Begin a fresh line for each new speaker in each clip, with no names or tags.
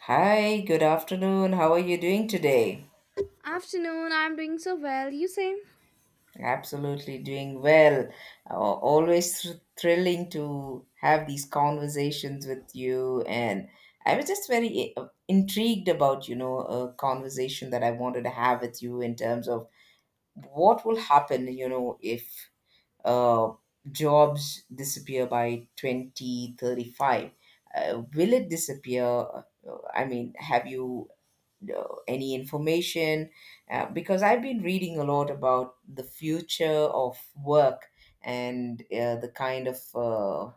Hi, good afternoon. How are you doing today?
Afternoon, I'm doing so well. You say?
Absolutely doing well. Always Thrilling to have these conversations with you. And I was just very intrigued about, you know, a conversation that I wanted to have with you in terms of what will happen, you know, if uh, jobs disappear by 2035. Will it disappear? I mean, have you know, any information because I've been reading a lot about the future of work and the kind of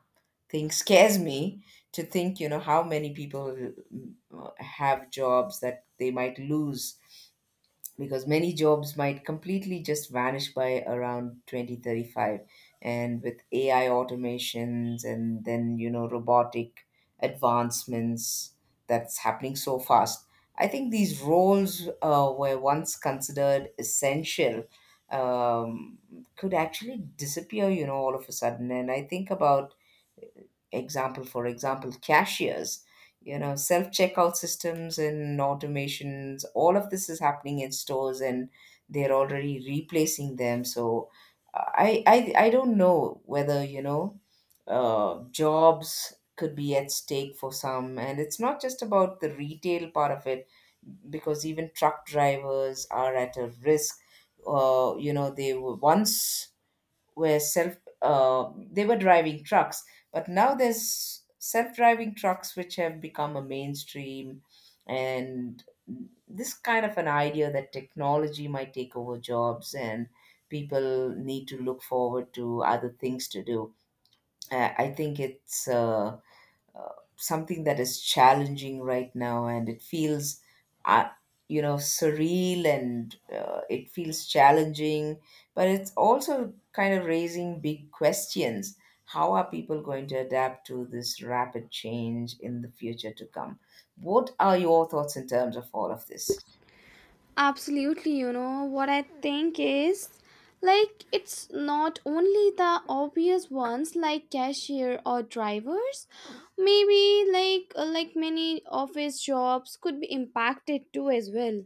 thing scares me to think, you know, how many people have jobs that they might lose because many jobs might completely just vanish by around 2035. And with AI automations and then, you know, robotic advancements that's happening so fast, I think these roles were once considered essential, um, could actually disappear, you know, all of a sudden. And I think about example for example, cashiers, you know, self checkout systems and automations. All of this is happening in stores and they're already replacing them. So I don't know whether you know jobs could be at stake for some, and it's not just about the retail part of it because even truck drivers are at a risk. You know, they were self they were driving trucks, but now there's self-driving trucks which have become a mainstream. And this kind of an idea that technology might take over jobs and people need to look forward to other things to do, I think it's uh, something that is challenging right now. And it feels uh, you know, surreal, and it feels challenging, but it's also kind of raising big questions. How are people going to adapt to this rapid change in the future to come? What are your thoughts in terms of all of this?
Absolutely, you know, what I think is like it's not only the obvious ones like cashier or drivers. Maybe like like many office jobs could be impacted too as well.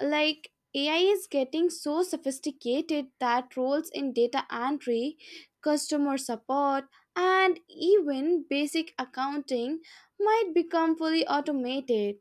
Like AI is getting so sophisticated that roles in data entry, customer support, and even basic accounting might become fully automated.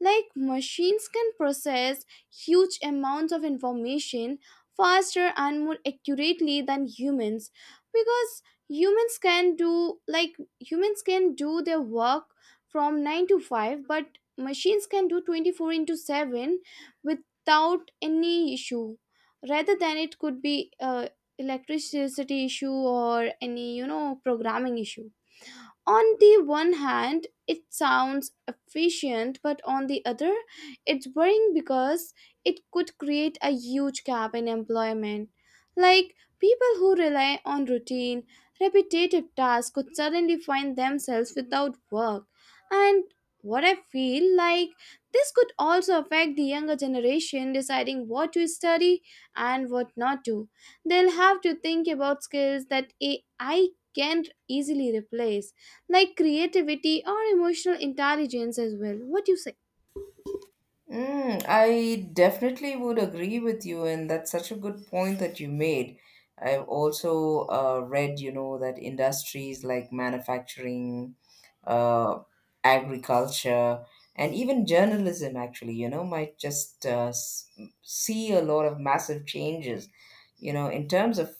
Like machines can process huge amounts of information faster and more accurately than humans, because humans can do their work from 9 to 5, but machines can do 24 into 7 without any issue. Rather than, it could be electricity issue or any, you know, programming issue. On the one hand it sounds efficient, but on the other it's worrying because it could create a huge gap in employment. Like, people who rely on routine repetitive tasks could suddenly find themselves without work. And what I feel like, this could also affect the younger generation deciding what to study and what not to. They'll have to think about skills that AI can't easily replace, like creativity or emotional intelligence as well. What do you say?
Mm, I definitely would agree with you, and that's such a good point that you made. I've also read, you know, that industries like manufacturing, uh, agriculture, and even journalism, actually, you know, might just see a lot of massive changes, you know, in terms of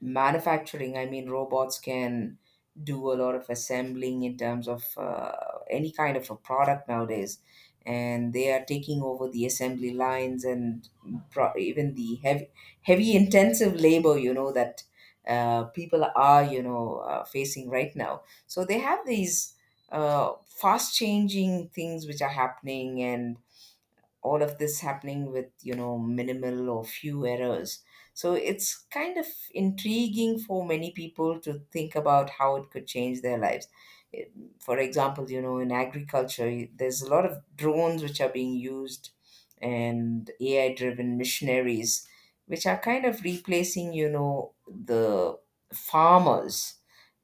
manufacturing. I mean, robots can do a lot of assembling in terms of any kind of a product nowadays, and they are taking over the assembly lines and even the heavy intensive labor, you know, that people are, you know, facing right now. So they have these uh, fast changing things which are happening, and all of this happening with, you know, minimal or few errors. So it's kind of intriguing for many people to think about how it could change their lives. It- for example, you know, in agriculture, there's a lot of drones which are being used and AI driven missionaries which are kind of replacing, you know, the farmers.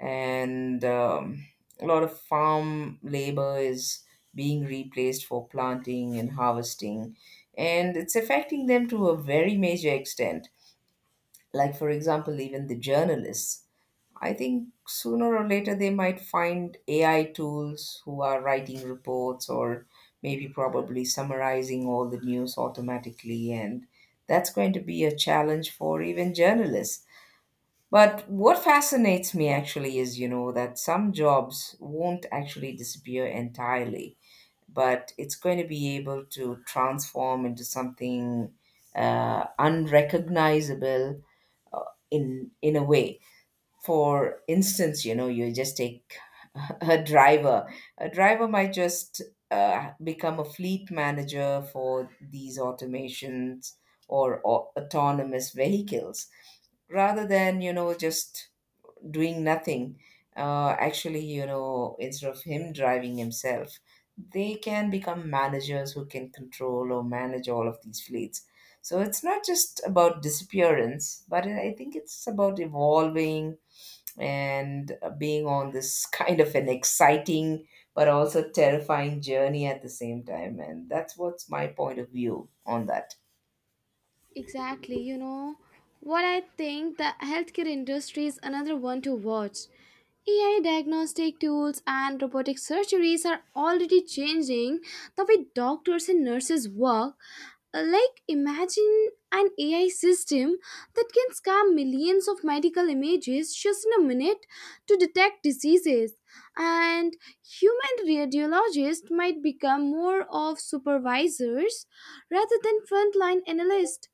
And a lot of farm labor is being replaced for planting and harvesting, and it's affecting them to a very major extent. Like, for example, even the journalists. I think sooner or later they might find AI tools who are writing reports or maybe probably summarizing all the news automatically, and that's going to be a challenge for even journalists. But what fascinates me actually is, you know, that some jobs won't actually disappear entirely, but it's going to be able to transform into something unrecognizable in a way. For instance, you know, you just take a driver. A driver might just become a fleet manager for these automations or autonomous vehicles rather than, you know, just doing nothing. Actually, you know, instead of him driving himself, they can become managers who can control or manage all of these fleets. So it's not just about disappearance, but I think it's about evolving and being on this kind of an exciting but also terrifying journey at the same time. And that's what's my point of view on that.
Exactly, you know what I think. The healthcare industry is another one to watch. AI diagnostic tools and robotic surgeries are already changing the way doctors and nurses work. Like, imagine an AI system that can scan millions of medical images just in a minute to detect diseases. And human radiologists might become more of supervisors rather than frontline analysts,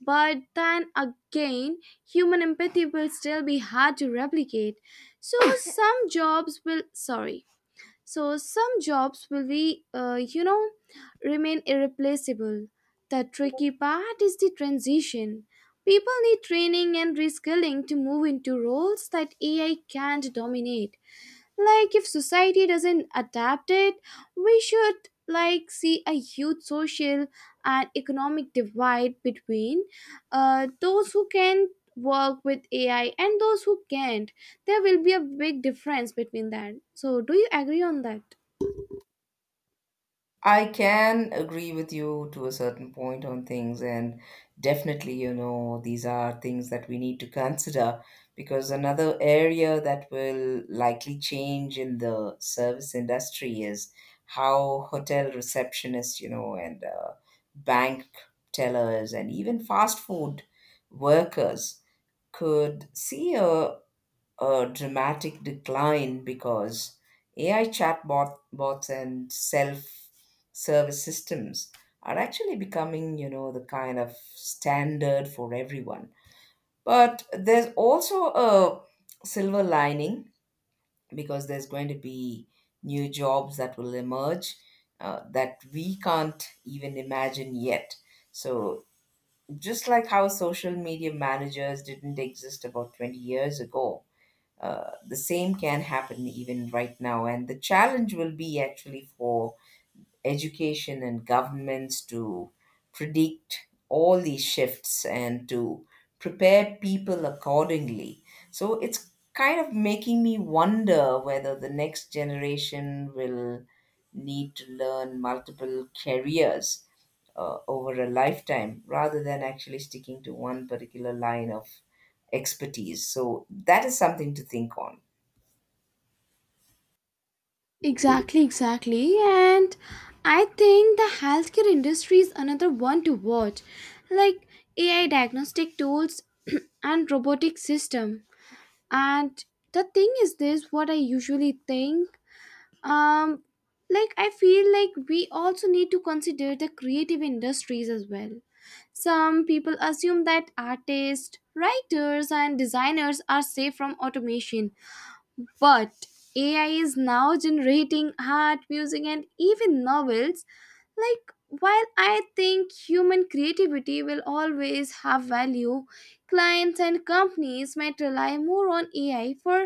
but then again, human empathy will still be hard to replicate. So some jobs will, sorry, so some jobs will be, you know, remain irreplaceable. The tricky part is the transition. People need training and reskilling to move into roles that AI can't dominate. Like, if society doesn't adapt it, we should like see a huge social and economic divide between those who can work with AI and those who can't. There will be a big difference between that, so do you agree on that?
I can agree with you to a certain point on things, and definitely, you know, these are things that we need to consider, because another area that will likely change in the service industry is how hotel receptionists, you know, and bank tellers, and even fast food workers could see a dramatic decline because AI chatbot bots and self-service systems are actually becoming, you know, the kind of standard for everyone. But there's also a silver lining because there's going to be new jobs that will emerge that we can't even imagine yet. So, just like how social media managers didn't exist about 20 years ago, the same can happen even right now. And the challenge will be actually for education and governments to predict all these shifts and to prepare people accordingly. So it's kind of making me wonder whether the next generation will need to learn multiple careers over a lifetime rather than actually sticking to one particular line of expertise. So that is something to think on.
Exactly, exactly. And I think the healthcare industry is another one to watch. Like AI diagnostic tools and robotic system. And the thing is this, what I usually think, um like I feel like we also need to consider the creative industries as well. Some people assume that artists, writers and designers are safe from automation, but AI is now generating art, music and even novels. Like, while I think human creativity will always have value, clients and companies might rely more on AI for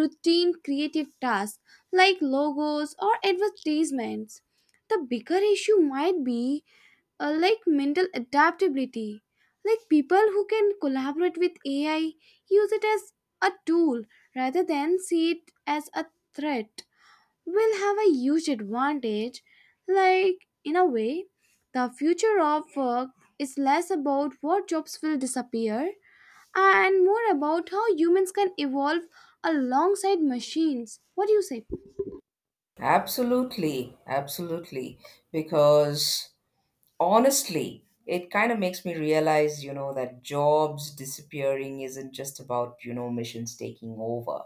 routine creative tasks, like logos or advertisements. The bigger issue might be, like, mental adaptability. Like, people who can collaborate with AI, use it as a tool rather than see it as a threat, will have a huge advantage. Like, in a way, the future of work is less about what jobs will disappear and more about how humans can evolve alongside machines. What do you say?
Absolutely, absolutely. Because honestly, it kind of makes me realize, you know, that jobs disappearing isn't just about, you know, missions taking over,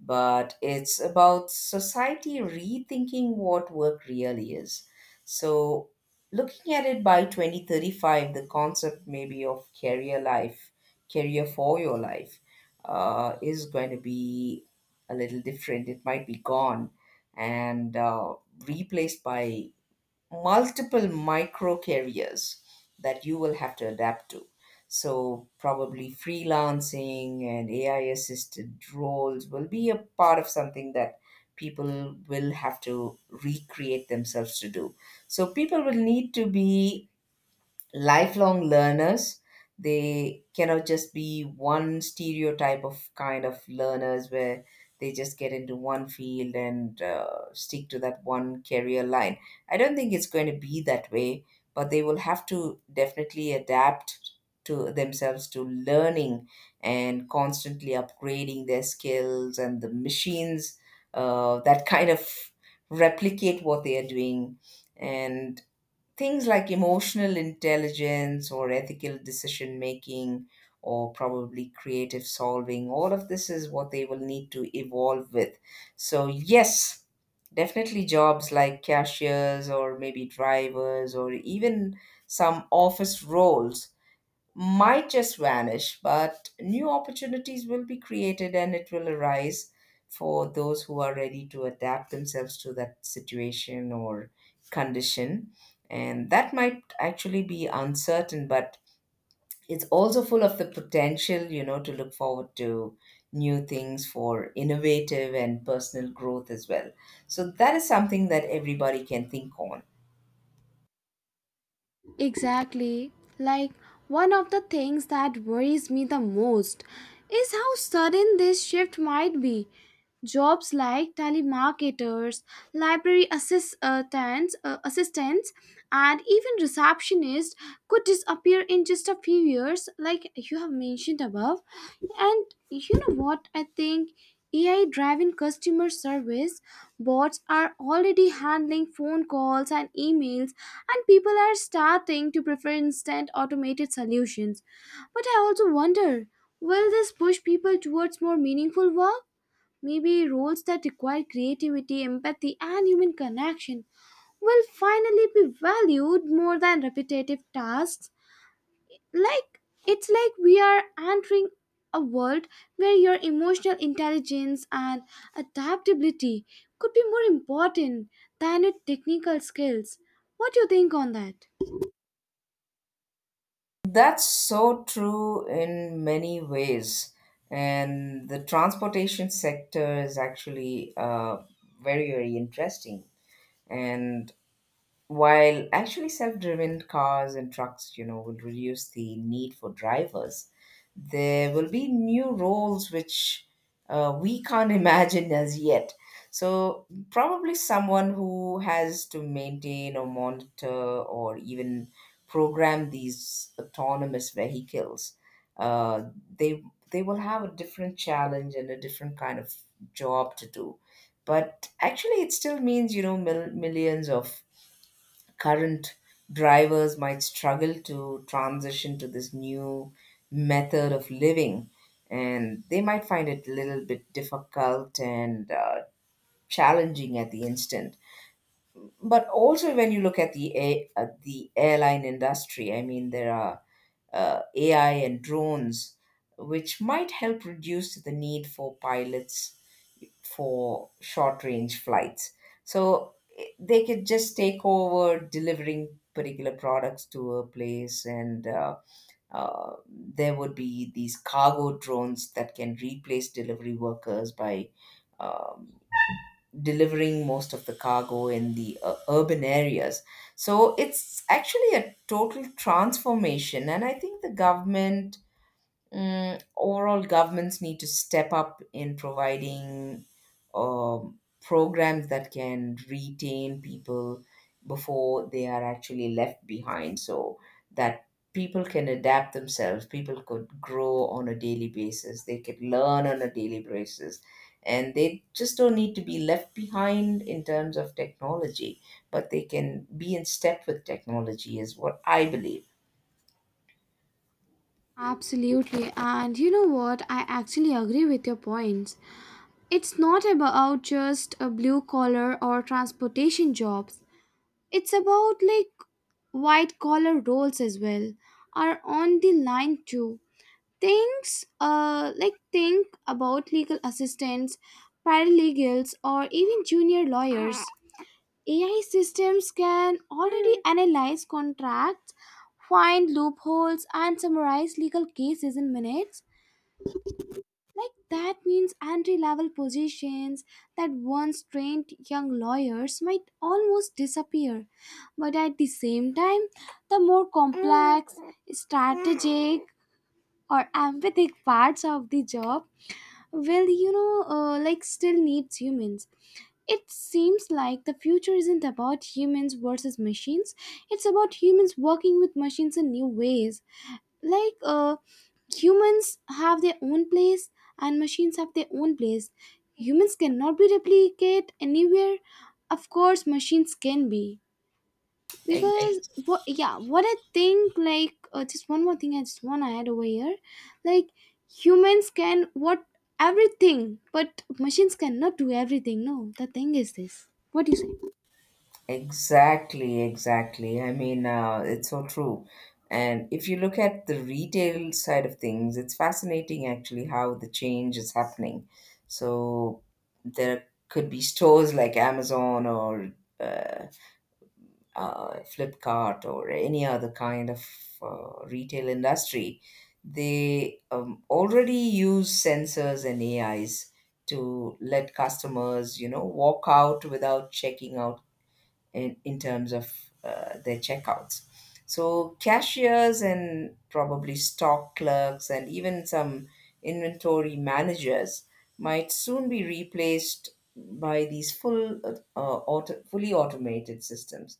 but it's about society rethinking what work really is. So looking at it by 2035, the concept maybe of career for your life is going to be a little different. It might be gone and replaced by multiple micro careers that you will have to adapt to. So, probably freelancing and AI assisted roles will be a part of something that people will have to recreate themselves to do. So, people will need to be lifelong learners. They cannot just be one stereotype of kind of learners where they just get into one field and stick to that one career line. I don't think it's going to be that way, but they will have to definitely adapt to themselves to learning and constantly upgrading their skills and the machines that kind of replicate what they are doing. And things like emotional intelligence or ethical decision making or probably creative solving, all of this is what they will need to evolve with. So yes, definitely jobs like cashiers or maybe drivers or even some office roles might just vanish, but new opportunities will be created and it will arise for those who are ready to adapt themselves to that situation or condition. And that might actually be uncertain, but it's also full of the potential, you know, to look forward to new things for innovative and personal growth as well. So that is something that everybody can think on.
Exactly. Like, one of the things that worries me the most is how sudden this shift might be. Jobs like telemarketers, library assistants, and even receptionists could disappear in just a few years, like you have mentioned above. And you know what? I think AI driven customer service bots are already handling phone calls and emails, and people are starting to prefer instant automated solutions. But I also wonder, will this push people towards more meaningful work? Maybe roles that require creativity, empathy, and human connection will finally be valued more than repetitive tasks. Like, it's like we are entering a world where your emotional intelligence and adaptability could be more important than your technical skills. What do you think on that?
That's so true in many ways. And the transportation sector is actually very, very interesting. And while actually self driven cars and trucks, you know, will reduce the need for drivers, there will be new roles which we can't imagine as yet. So, probably someone who has to maintain or monitor or even program these autonomous vehicles, uh, they, they will have a different challenge and a different kind of job to do. But actually, it still means, you know, millions of current drivers might struggle to transition to this new method of living, and they might find it a little bit difficult and challenging at the instant. But also when you look at the at the airline industry, I mean, there are AI and drones which might help reduce the need for pilots for short range flights. So they could just take over delivering particular products to a place, and there would be these cargo drones that can replace delivery workers by um, delivering most of the cargo in the urban areas. So it's actually a total transformation, and I think the government. Mm, overall, governments need to step up in providing programs that can retain people before they are actually left behind, so that people can adapt themselves, people could grow on a daily basis, they could learn on a daily basis, and they just don't need to be left behind in terms of technology, but they can be in step with technology, is what I believe.
Absolutely, and you know what? I actually agree with your points. It's not about just a blue collar or transportation jobs. It's about like white collar roles as well are on the line too. Things like, think about legal assistants, paralegals or even junior lawyers. AI systems can already analyze contracts, find loopholes and summarize legal cases in minutes. Like, that means entry level positions that once trained young lawyers might almost disappear. But at the same time, the more complex, strategic or empathic parts of the job, well, you know, like, still needs humans. It seems like the future isn't about humans versus machines. It's about humans working with machines in new ways. Like humans have their own place and machines have their own place. Humans cannot be replicated anywhere. Of course, machines can be. Because what, yeah, what I think, like, just one more thing I just want to add over here, like, humans can what, everything, but machines cannot do everything. No, the thing is this, what do you say?
Exactly, exactly. I mean, it's so true. And if you look at the retail side of things, it's fascinating actually how the change is happening. So there could be stores like Amazon or uh, Flipkart or any other kind of retail industry. They already use sensors and AIs to let customers, you know, walk out without checking out in terms of their checkouts. So, cashiers and probably stock clerks and even some inventory managers might soon be replaced by these fully automated systems.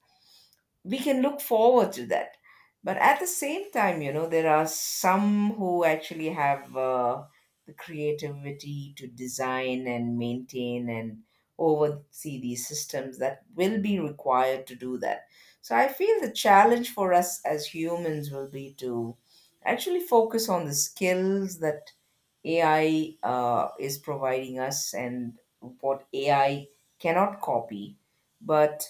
We can look forward to that, but at the same time, you know, there are some who actually have the creativity to design and maintain and oversee these systems that will be required to do that. So I feel the challenge for us as humans will be to actually focus on the skills that AI is providing us, and what AI cannot copy, but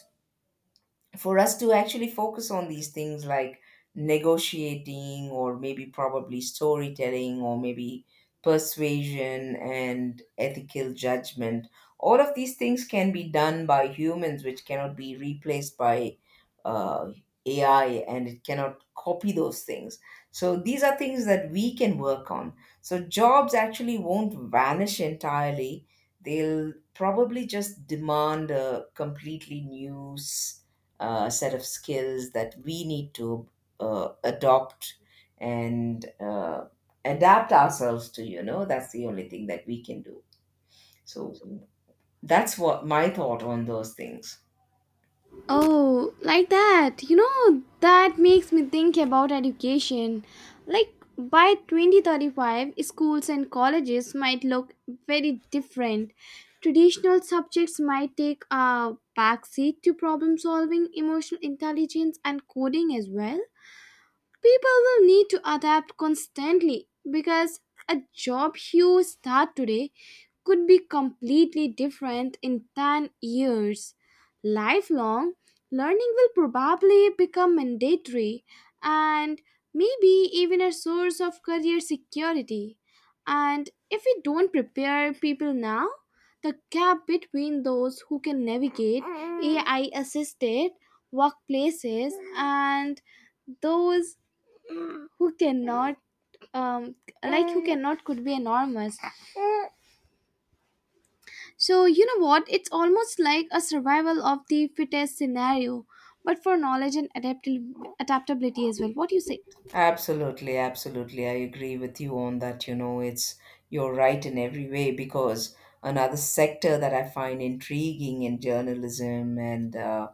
for us to actually focus on these things like negotiating, or maybe probably storytelling, or maybe persuasion and ethical judgment. All of these things can be done by humans, which cannot be replaced by uh, AI, and it cannot copy those things. So these are things that we can work on. So jobs actually won't vanish entirely. They'll probably just demand a completely new set of skills that we need to adopt and adapt ourselves to, you know. That's the only thing that we can do. So that's what my thought on those things.
Oh, like that. You know, that makes me think about education. Like, by 2035, schools and colleges might look very different. Traditional subjects might take a backseat to problem solving, emotional intelligence, and coding as well. People will need to adapt constantly because a job you start today could be completely different in 10 years. Lifelong learning will probably become mandatory and maybe even a source of career security. And if we don't prepare people now, the gap between those who can navigate AI assisted workplaces and those who cannot, um like who cannot, could be enormous. So you know what, it's almost like a survival of the fittest scenario, but for knowledge and adaptability as well. What do you say?
Absolutely, absolutely. I agree with you on that. You know, it's you're right in every way, because another sector that I find intriguing in journalism and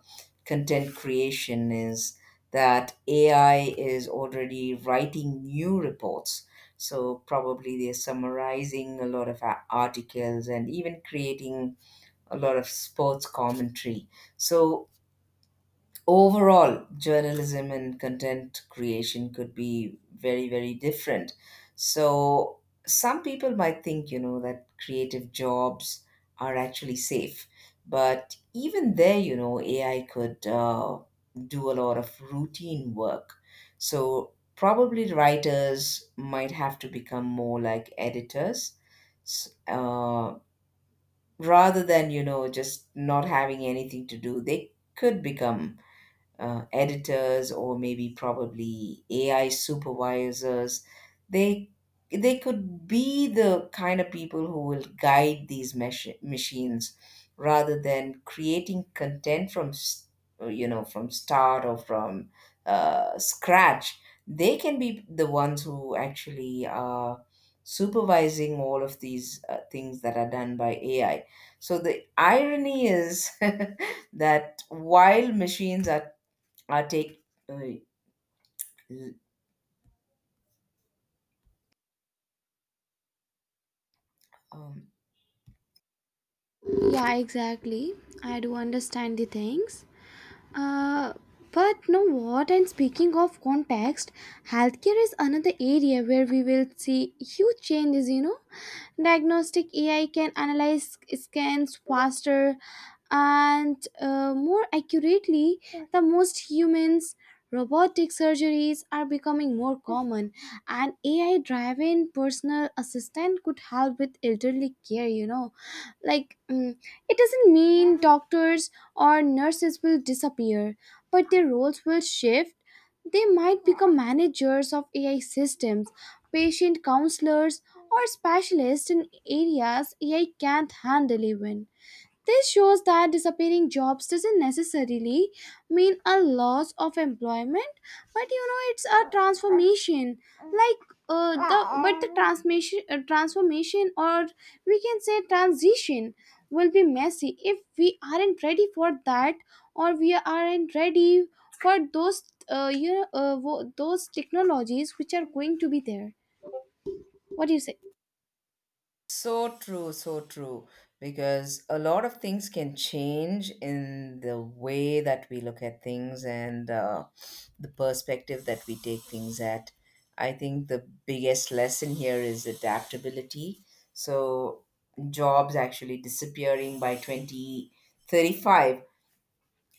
content creation is that AI is already writing new reports. So probably they're summarizing a lot of articles and even creating a lot of sports commentary. So overall, journalism and content creation could be very, very different. So some people might think, you know, that creative jobs are actually safe, but even there, you know, AI could do a lot of routine work. So probably writers might have to become more like editors, s- uh, rather than, you know, just not having anything to do. They could become editors, or maybe probably AI supervisors. They they could be the kind of people who will guide these machines rather than creating content from you know, from start, or from scratch. They can be the ones who actually are supervising all of these things that are done by AI. So the irony is that while machines are I take uh, l- um,
Yeah, exactly, I do understand the things. Uh, but know what? And speaking of context, healthcare is another area where we will see huge changes. You know, diagnostic AI can analyze scans faster and more accurately the most humans. Robotic surgeries are becoming more common, and AI driven personal assistant could help with elderly care. You know, like, mm, it doesn't mean doctors or nurses will disappear, but their roles will shift. They might become managers of AI systems, patient counselors, or specialists in areas AI can't handle even. This shows that disappearing jobs doesn't necessarily mean a loss of employment, but you know, it's a transformation. Like, the transformation or we can say transition will be messy if we aren't ready for that, or we aren't ready for those, you know, those technologies which are going to be there. What do you say?
so true, so true. Because a lot of things can change in the way that we look at things, and the perspective that we take things at. I think the biggest lesson here is adaptability. So, jobs actually disappearing by 2035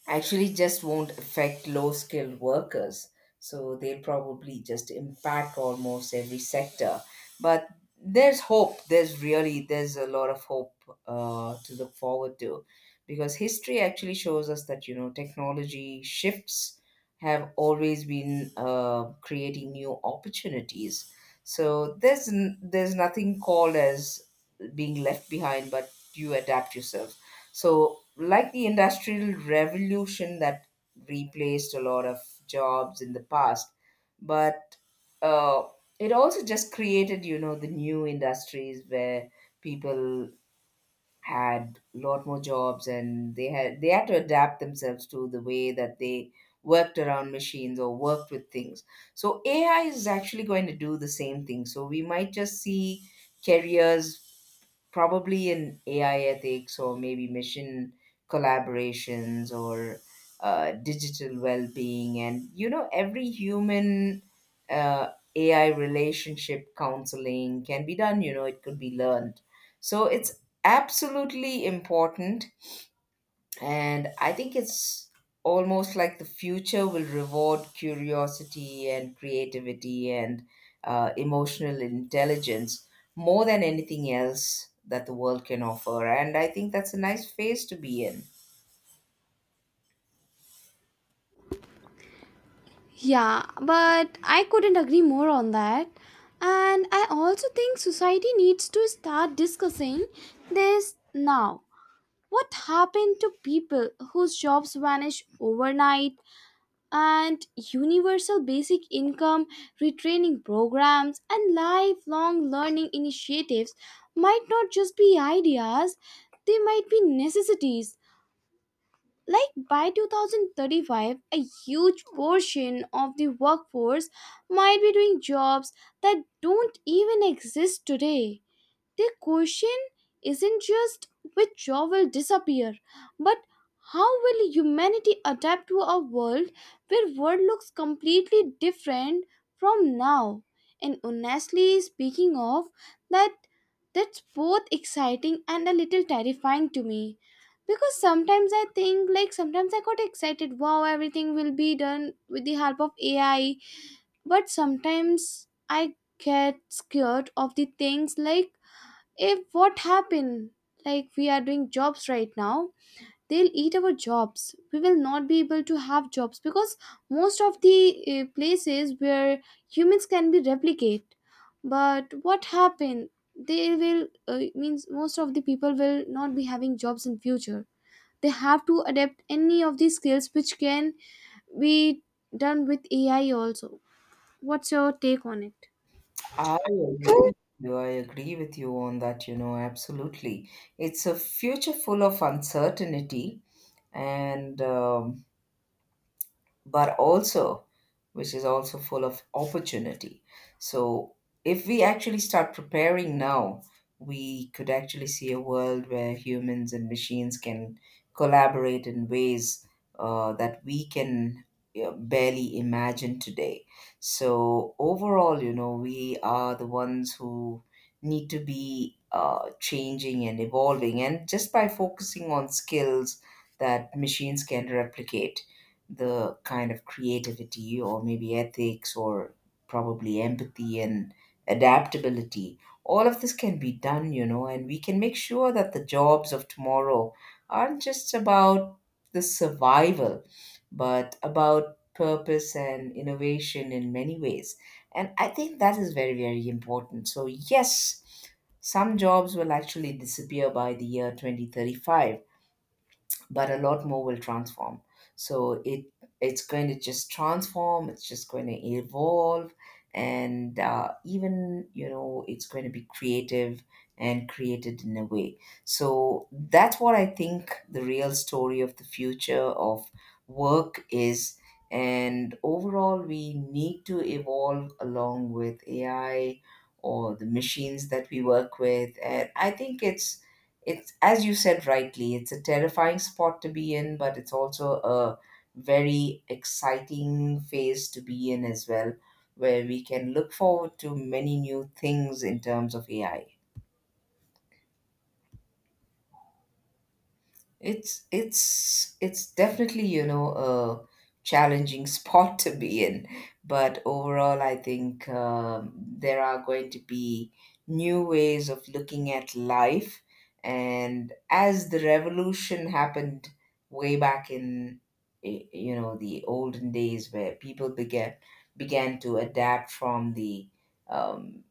actually just won't affect low skilled workers. So they'll probably just impact almost every sector. But there's hope. There's really there's a lot of hope to look forward to, because history actually shows us that, you know, technology shifts have always been creating new opportunities. So there's nothing called as being left behind, but you adapt yourself. So, like the Industrial Revolution that replaced a lot of jobs in the past, but uh, it also just created, you know, the new industries where people had a lot more jobs, and they had to adapt themselves to the way that they worked around machines or worked with things. So AI is actually going to do the same thing. So we might just see careers probably in AI ethics, or maybe mission collaborations, or digital well being. And, you know, every human uh, AI relationship counseling can be done, you know, it could be learned. So it's absolutely important, and I think it's almost like the future will reward curiosity and creativity and emotional intelligence more than anything else that the world can offer. And I think that's a nice phase to be in.
Yeah, but I couldn't agree more on that. And I also think society needs to start discussing this now. What happened to people whose jobs vanish overnight? And universal basic income, retraining programs, and lifelong learning initiatives might not just be ideas, they might be necessities. Like, by 2035 a huge portion of the workforce might be doing jobs that don't even exist today. The question isn't just which jaw will disappear, but how will humanity adapt to a world where world looks completely different from now? And honestly, speaking of that, that's both exciting and a little terrifying to me. Because sometimes I think like, sometimes I got excited, wow, everything will be done with the help of AI. But sometimes I get scared of the things, like if what happened, like we are doing jobs right now, they'll eat our jobs. We will not be able to have jobs because most of the places where humans can be replicate, but what happened, they will, means most of the people will not be having jobs in future. They have to adapt any of these skills which can be done with AI also. What's your take on it?
I agree with you. I agree with you on that, you know, absolutely. It's a future full of uncertainty and but also which is also full of opportunity. So if we actually start preparing now, we could actually see a world where humans and machines can collaborate in ways that we can barely imagine today. So overall, you know, we are the ones who need to be changing and evolving, and just by focusing on skills that machines can replicate, the kind of creativity, or maybe ethics, or probably empathy and adaptability. All of this can be done, you know, and we can make sure that the jobs of tomorrow aren't just about the survival, but about purpose and innovation in many ways. And I think that is very, very important. So, yes, some jobs will actually disappear by the year 2035, but a lot more will transform. So it's going to just transform. It's just going to evolve, and even, you know, it's going to be creative and created in a way. So that's what I think the real story of the future of work is, and overall we need to evolve along with AI or the machines that we work with. And I think it's as you said rightly, it's a terrifying spot to be in, but it's also a very exciting phase to be in as well, where we can look forward to many new things in terms of AI. It's definitely, you know, a challenging spot to be in. But overall, I think there are going to be new ways of looking at life. And as the revolution happened way back in, you know, the olden days where people began to adapt um,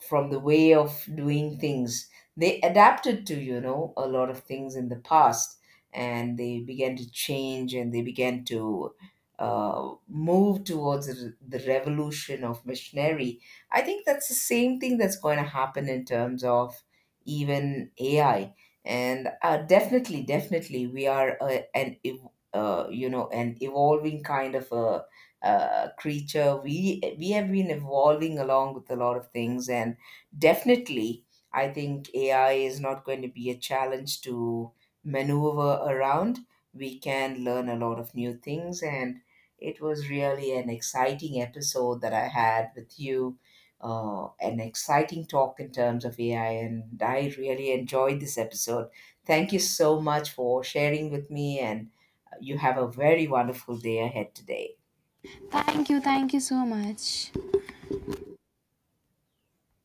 from the way of doing things, they adapted to, you know, a lot of things in the past, and they began to change, and they began to move towards the revolution of missionary. I think that's the same thing that's going to happen in terms of even AI. And definitely we are you know, an evolving kind of a creature. We have been evolving along with a lot of things, and definitely I think AI is not going to be a challenge to maneuver around. We can learn a lot of new things, and it was really an exciting episode that I had with you. An exciting talk in terms of AI, and I really enjoyed this episode. Thank you so much for sharing with me, and you have a very wonderful day ahead today.
Thank you, thank you so much.